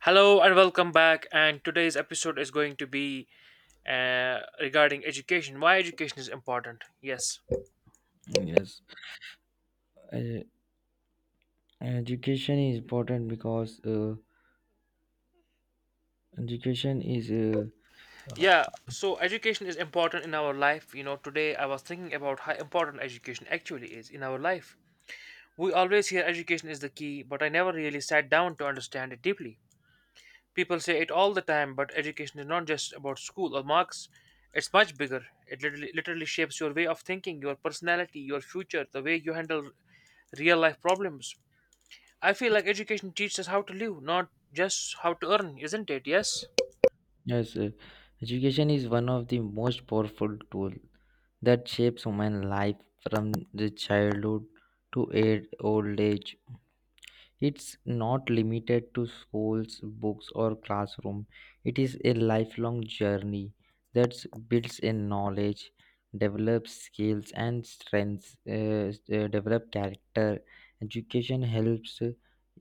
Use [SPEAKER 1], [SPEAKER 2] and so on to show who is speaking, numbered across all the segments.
[SPEAKER 1] Hello and welcome back. And today's episode is going to be regarding education. Why education is important? Yes,
[SPEAKER 2] Yes, e- education is important because education is uh, uh,
[SPEAKER 1] yeah. So education is important in our life. You know, today I was thinking about how important education actually is in our life. We always hear education is the key, but I never really sat down to understand it deeply. People say it all the time, but education is not just about school or marks. It's much bigger. It literally shapes your way of thinking, your personality, your future, the way you handle real life problems. I feel like education teaches us how to live, not just how to earn, isn't it? Yes?
[SPEAKER 2] yes, uh, education is one of the most powerful tool that shapes human life from the childhood to old age. It's not limited to schools, books, or classroom. It is a lifelong journey that builds in knowledge, develops skills and strengths, develop character. Education helps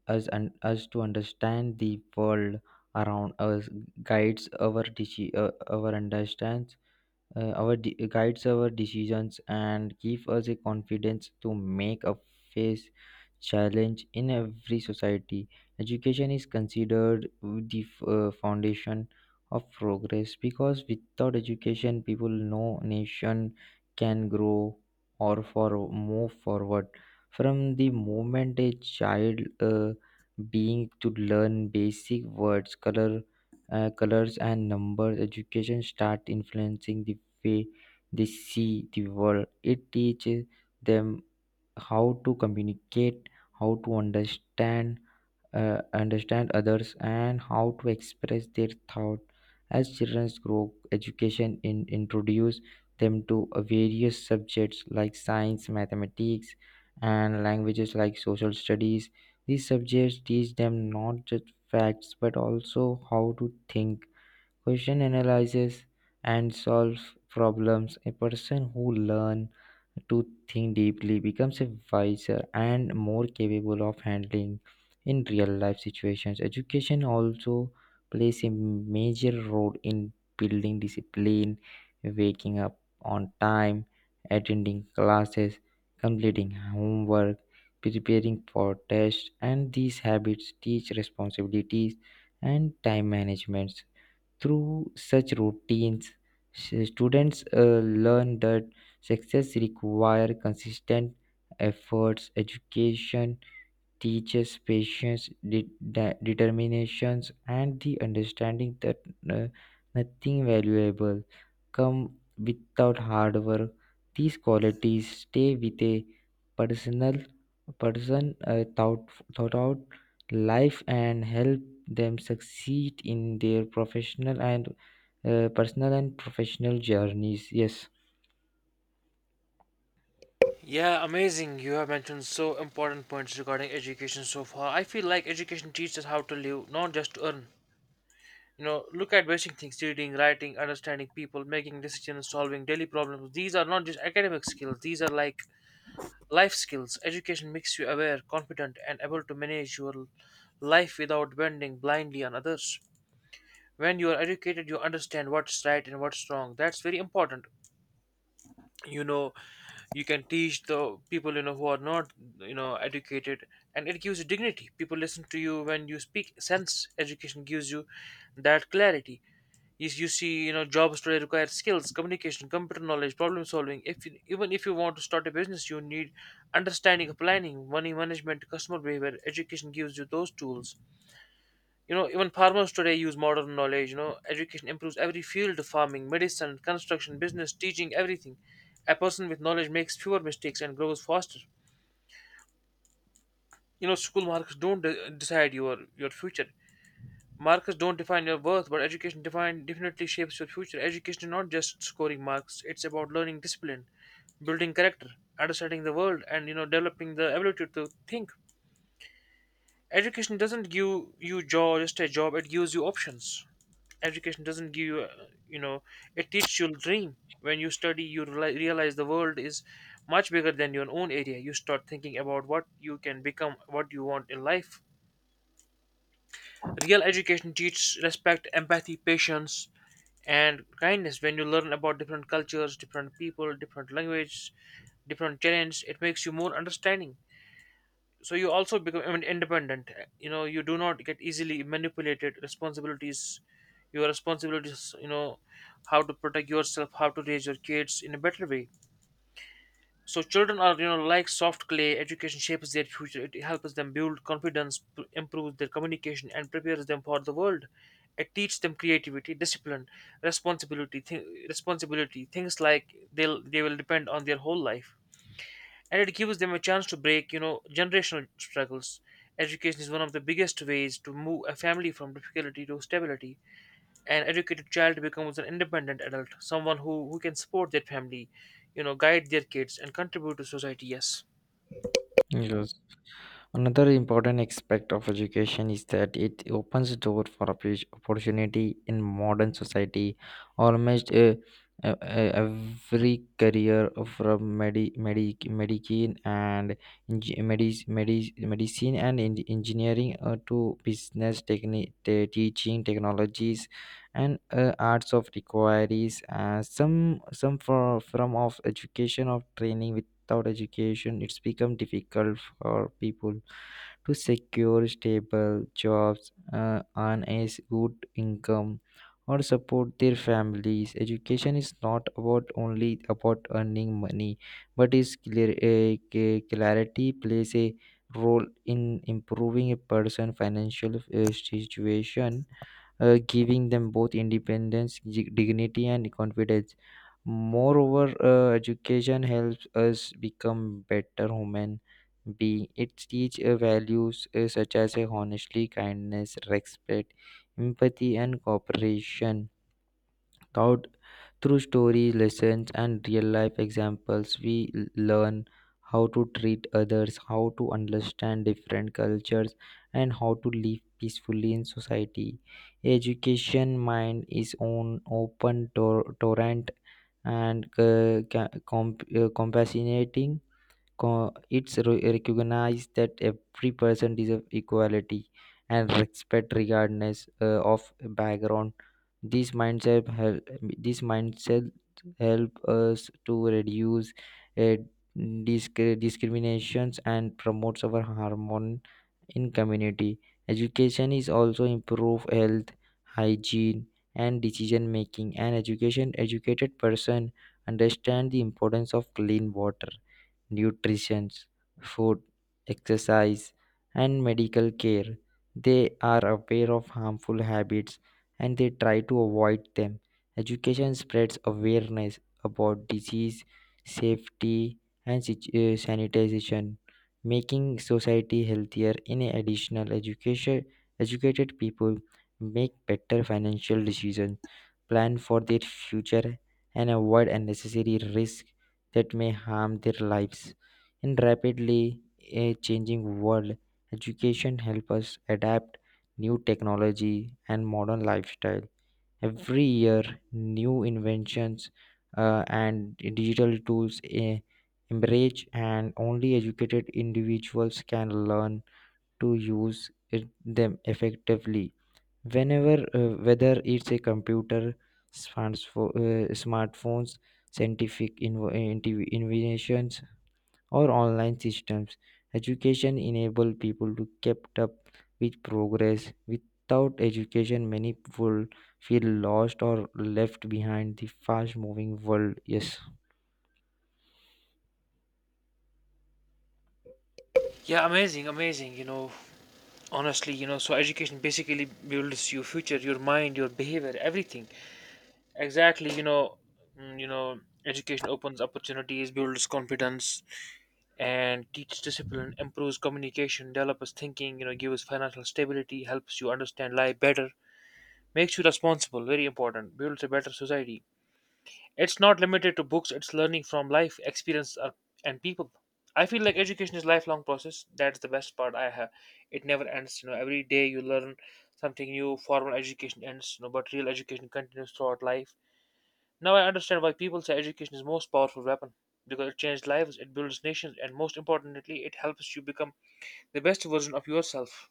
[SPEAKER 2] us to understand the world around us, guides our deci- our understand our de- guides our decisions and give us a confidence to make a face challenge in every society. Education is considered the foundation of progress because without education people no nation can grow or for move forward. From the moment a child being to learn basic words colors and numbers, education start influencing the way they see the world. It teaches them how to communicate, how to understand, understand others, and how to express their thought. As children grow, introduce them to various subjects like science, mathematics, and languages like social studies. These subjects teach them not just facts but also how to think, question, analyzes and solves problems. A person who learns to think deeply becomes a wiser and more capable of handling in real life situations. Education also plays a major role in building discipline, waking up on time, attending classes, completing homework, preparing for tests, and these habits teach responsibilities and time management. Through such routines, students learn that success requires consistent efforts. Education teaches patience, determinations, and the understanding that uh, nothing valuable come without hard work. These qualities stay with a personal person thought throughout life and help them succeed in their professional and personal and professional journeys. Yes.
[SPEAKER 1] Yeah, amazing. You have mentioned so important points regarding education so far. I feel like education teaches us how to live, not just to earn. You know, look at basic things: reading, writing, understanding people, making decisions, solving daily problems. These are not just academic skills, these are like life skills. Education makes you aware, confident, and able to manage your life without depending blindly on others. When you are educated, you understand what's right and what's wrong. That's very important. You know, you can teach the people, you know, who are not, you know, educated, and it gives you dignity. People listen to you when you speak sense. Education gives you that clarity. You see, you know, jobs today require skills, communication, computer knowledge, problem solving. If you, Even if you want to start a business, you need understanding of planning, money management, customer behavior. Education gives you those tools. You know, even farmers today use modern knowledge. You know, education improves every field: farming, medicine, construction, business, teaching, everything. A person with knowledge makes fewer mistakes and grows faster. You know, school marks don't decide your future. Marks don't define your worth, but education definitely shapes your future. Education is not just scoring marks, it's about learning discipline, building character, understanding the world, and, you know, developing the ability to think. Education doesn't give you job, just a job, it gives you options. Education doesn't give you, you know, it teaches you dream. When you study, you realize the world is much bigger than your own area. You start thinking about what you can become, what you want in life. Real education teaches respect, empathy, patience, and kindness. When you learn about different cultures, different people, different languages, different challenges, it makes you more understanding. So you also become, independent. You know, you do not get easily manipulated. Responsibilities, your responsibilities, you know, how to protect yourself, how to raise your kids in a better way. So children are, you know, like soft clay. Education shapes their future. It helps them build confidence, improves their communication and prepares them for the world. It teaches them creativity, discipline, responsibility, things like they'll, they will depend on their whole life. And it gives them a chance to break, you know, generational struggles. Education is one of the biggest ways to move a family from difficulty to stability. An educated child becomes an independent adult, someone who can support their family, you know, guide their kids and contribute to society. Yes.
[SPEAKER 2] Yes. Another important aspect of education is that it opens door for opportunity in modern society. Almost uh, uh, every career from eng- medicine and engineering to business, teaching, technologies, and arts of requires some for, form of education of training. Without education it's become difficult for people to secure stable jobs, earn a good income or support their families. Education is not about only about earning money but is clear a clarity plays a role in improving a person's financial situation, giving them both independence, dignity, and confidence. Moreover, education helps us become better human being. It teaches values such as honesty, kindness, respect, empathy, and cooperation. Thought Through stories, lessons, and real life examples, we learn how to treat others, how to understand different cultures, and how to live peacefully in society. Education mind is on open torrent and compassionating. It's recognized that every person deserves equality and respect regardless of background. this mindset help, this mindset help us to reduce uh, discriminations and promotes our harmony in community. Education is also improve health, hygiene, and decision making, and education educated person understand the importance of clean water, nutrition, food, exercise, and medical care. They are aware of harmful habits and they try to avoid them. Education spreads awareness about disease, safety, and sanitization, making society healthier. In additional, educated people make better financial decisions, plan for their future, and avoid unnecessary risk that may harm their lives. In rapidly changing world, education helps us adapt new technology and modern lifestyle. Every year, new inventions and digital tools emerge, and only educated individuals can learn to them effectively, whenever whether it's a computer, smartphones, scientific inventions, or online systems. Education enable people to kept up with progress. Without education many people feel lost or left behind the fast moving world. Yes.
[SPEAKER 1] Yeah, amazing, amazing. You know, honestly, you know, so education basically builds your future, your mind, your behavior, everything. Exactly, you know. Mm, you know, education opens opportunities, builds confidence, and teaches discipline, improves communication, develops thinking, you know, gives financial stability, helps you understand life better, makes you responsible, very important, builds a better society. It's not limited to books, it's learning from life, experience, and people. I feel like education is lifelong process. That's the best part I have. It never ends. You know, every day you learn something new. Formal education ends, you know, but real education continues throughout life. Now I understand why people say education is the most powerful weapon, because it changes lives, it builds nations, and most importantly, it helps you become the best version of yourself.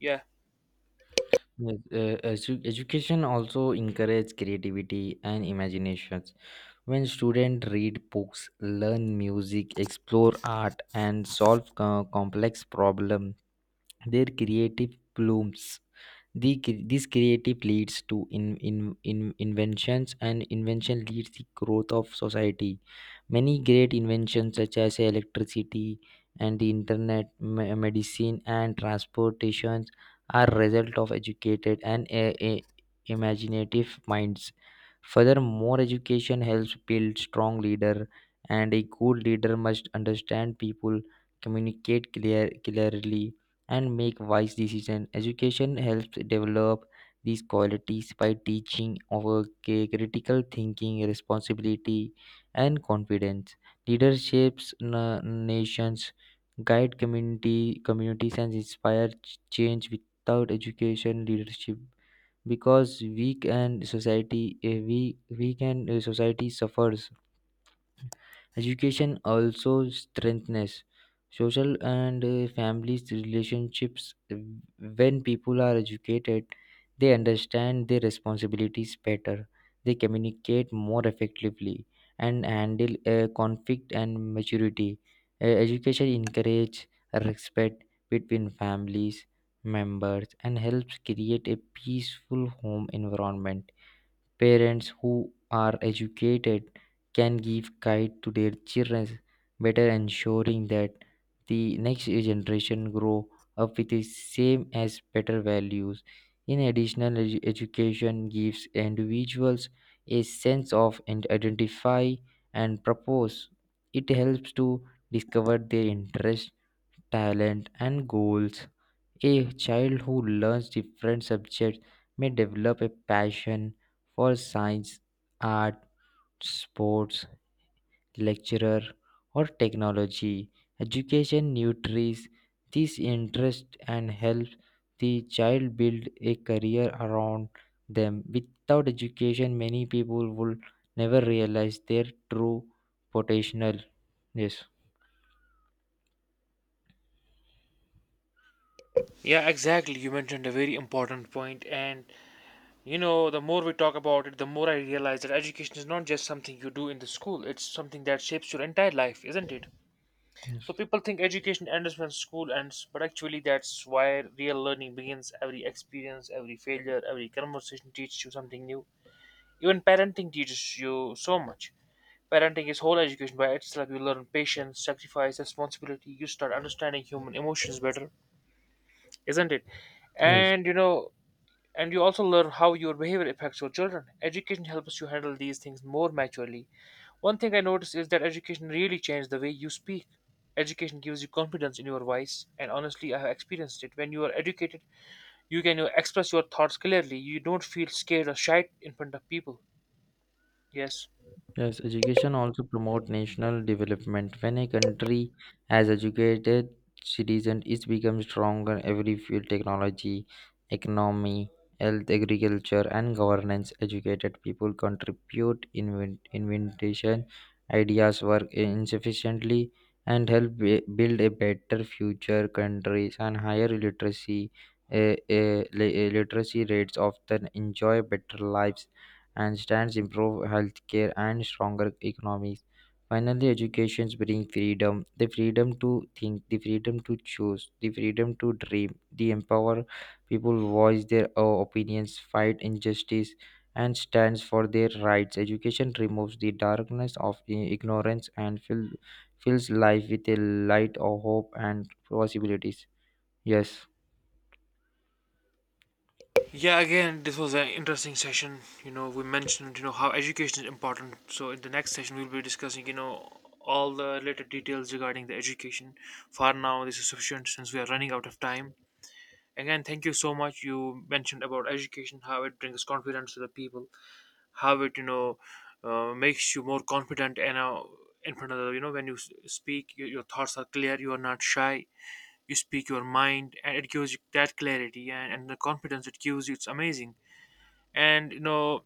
[SPEAKER 1] Yeah.
[SPEAKER 2] Yes, education also encourages creativity and imagination. When students read books, learn music, explore art, and solve complex problems, their creative blooms. This creative leads to in inventions, and invention leads the growth of society. Many great inventions such as electricity and the internet, medicine and transportations are result of educated and a imaginative minds. Furthermore, education helps build strong leader, and a good leader must understand people, communicate clearly, and make wise decisions. Education helps develop these qualities by teaching over critical thinking, responsibility, and confidence. Leaderships nations guide community communities and inspire change. Without education, leadership because weak and society a weak and society suffers. Education also strengthens social and families relationships. When people are educated, they understand their responsibilities better. They communicate more effectively and handle conflict and maturity. Education encourages respect between families members and helps create a peaceful home environment. Parents who are educated can give guide to their children, better ensuring that the next generation grow up with the same as better values. In addition, education gives individuals a sense of and identify and purpose. It helps to discover their interests, talent, and goals. A child who learns different subjects may develop a passion for science, art, sports, lecturer, or technology. Education nurtures this interest and helps the child build a career around them. Without education, many people will never realize their true potential. Yes.
[SPEAKER 1] Yeah, exactly. You mentioned a very important point, and you know, the more we talk about it, the more I realize that education is not just something you do in the school; it's something that shapes your entire life, isn't it? So
[SPEAKER 2] Yes.
[SPEAKER 1] people think education ends when school ends, but actually, that's why real learning begins. Every experience, every failure, every conversation teaches you something new. Even parenting teaches you so much. Parenting is whole education by itself. You learn patience, sacrifice, responsibility. You start understanding human emotions better, isn't it?
[SPEAKER 2] Yes.
[SPEAKER 1] And you know, and you also learn how your behavior affects your children. Education helps you handle these things more maturely. One thing I noticed is that education really changed the way you speak. Education gives you confidence in your voice, and honestly, I have experienced it. When you are educated, you can, you know, express your thoughts clearly. You don't feel scared or shy in front of people. Yes.
[SPEAKER 2] Yes, education also promote national development. When a country has educated citizens, it becomes stronger every field technology, economy, health, agriculture, and governance. Educated people contribute invention, ideas, work insufficiently, and help build a better future. Countries and higher literacy, literacy rates often enjoy better lives and stands improve healthcare and stronger economies. Finally, education brings freedom, the freedom to think, the freedom to choose, the freedom to dream. They empower people voice their opinions, fight injustice, and stands for their rights. Education removes the darkness of ignorance and fills life with a light of hope and possibilities. Yes,
[SPEAKER 1] Yeah, again, this was an interesting session. You know, we mentioned, you know, how education is important. So, in the next session, we'll be discussing, you know, all the related details regarding the education. For now, this is sufficient since we are running out of time. Again, thank you so much. You mentioned about education, how it brings confidence to the people, how it, you know, makes you more confident and, in front of the, you know, when you speak, your thoughts are clear, you are not shy, you speak your mind, and it gives you that clarity and, the confidence it gives you. It's amazing. And you know,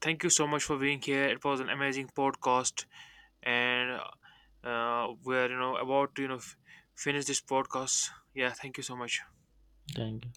[SPEAKER 1] thank you so much for being here. It was an amazing podcast, and we're, you know, about to, you know, finish this podcast. Yeah, thank you so much.
[SPEAKER 2] thank you.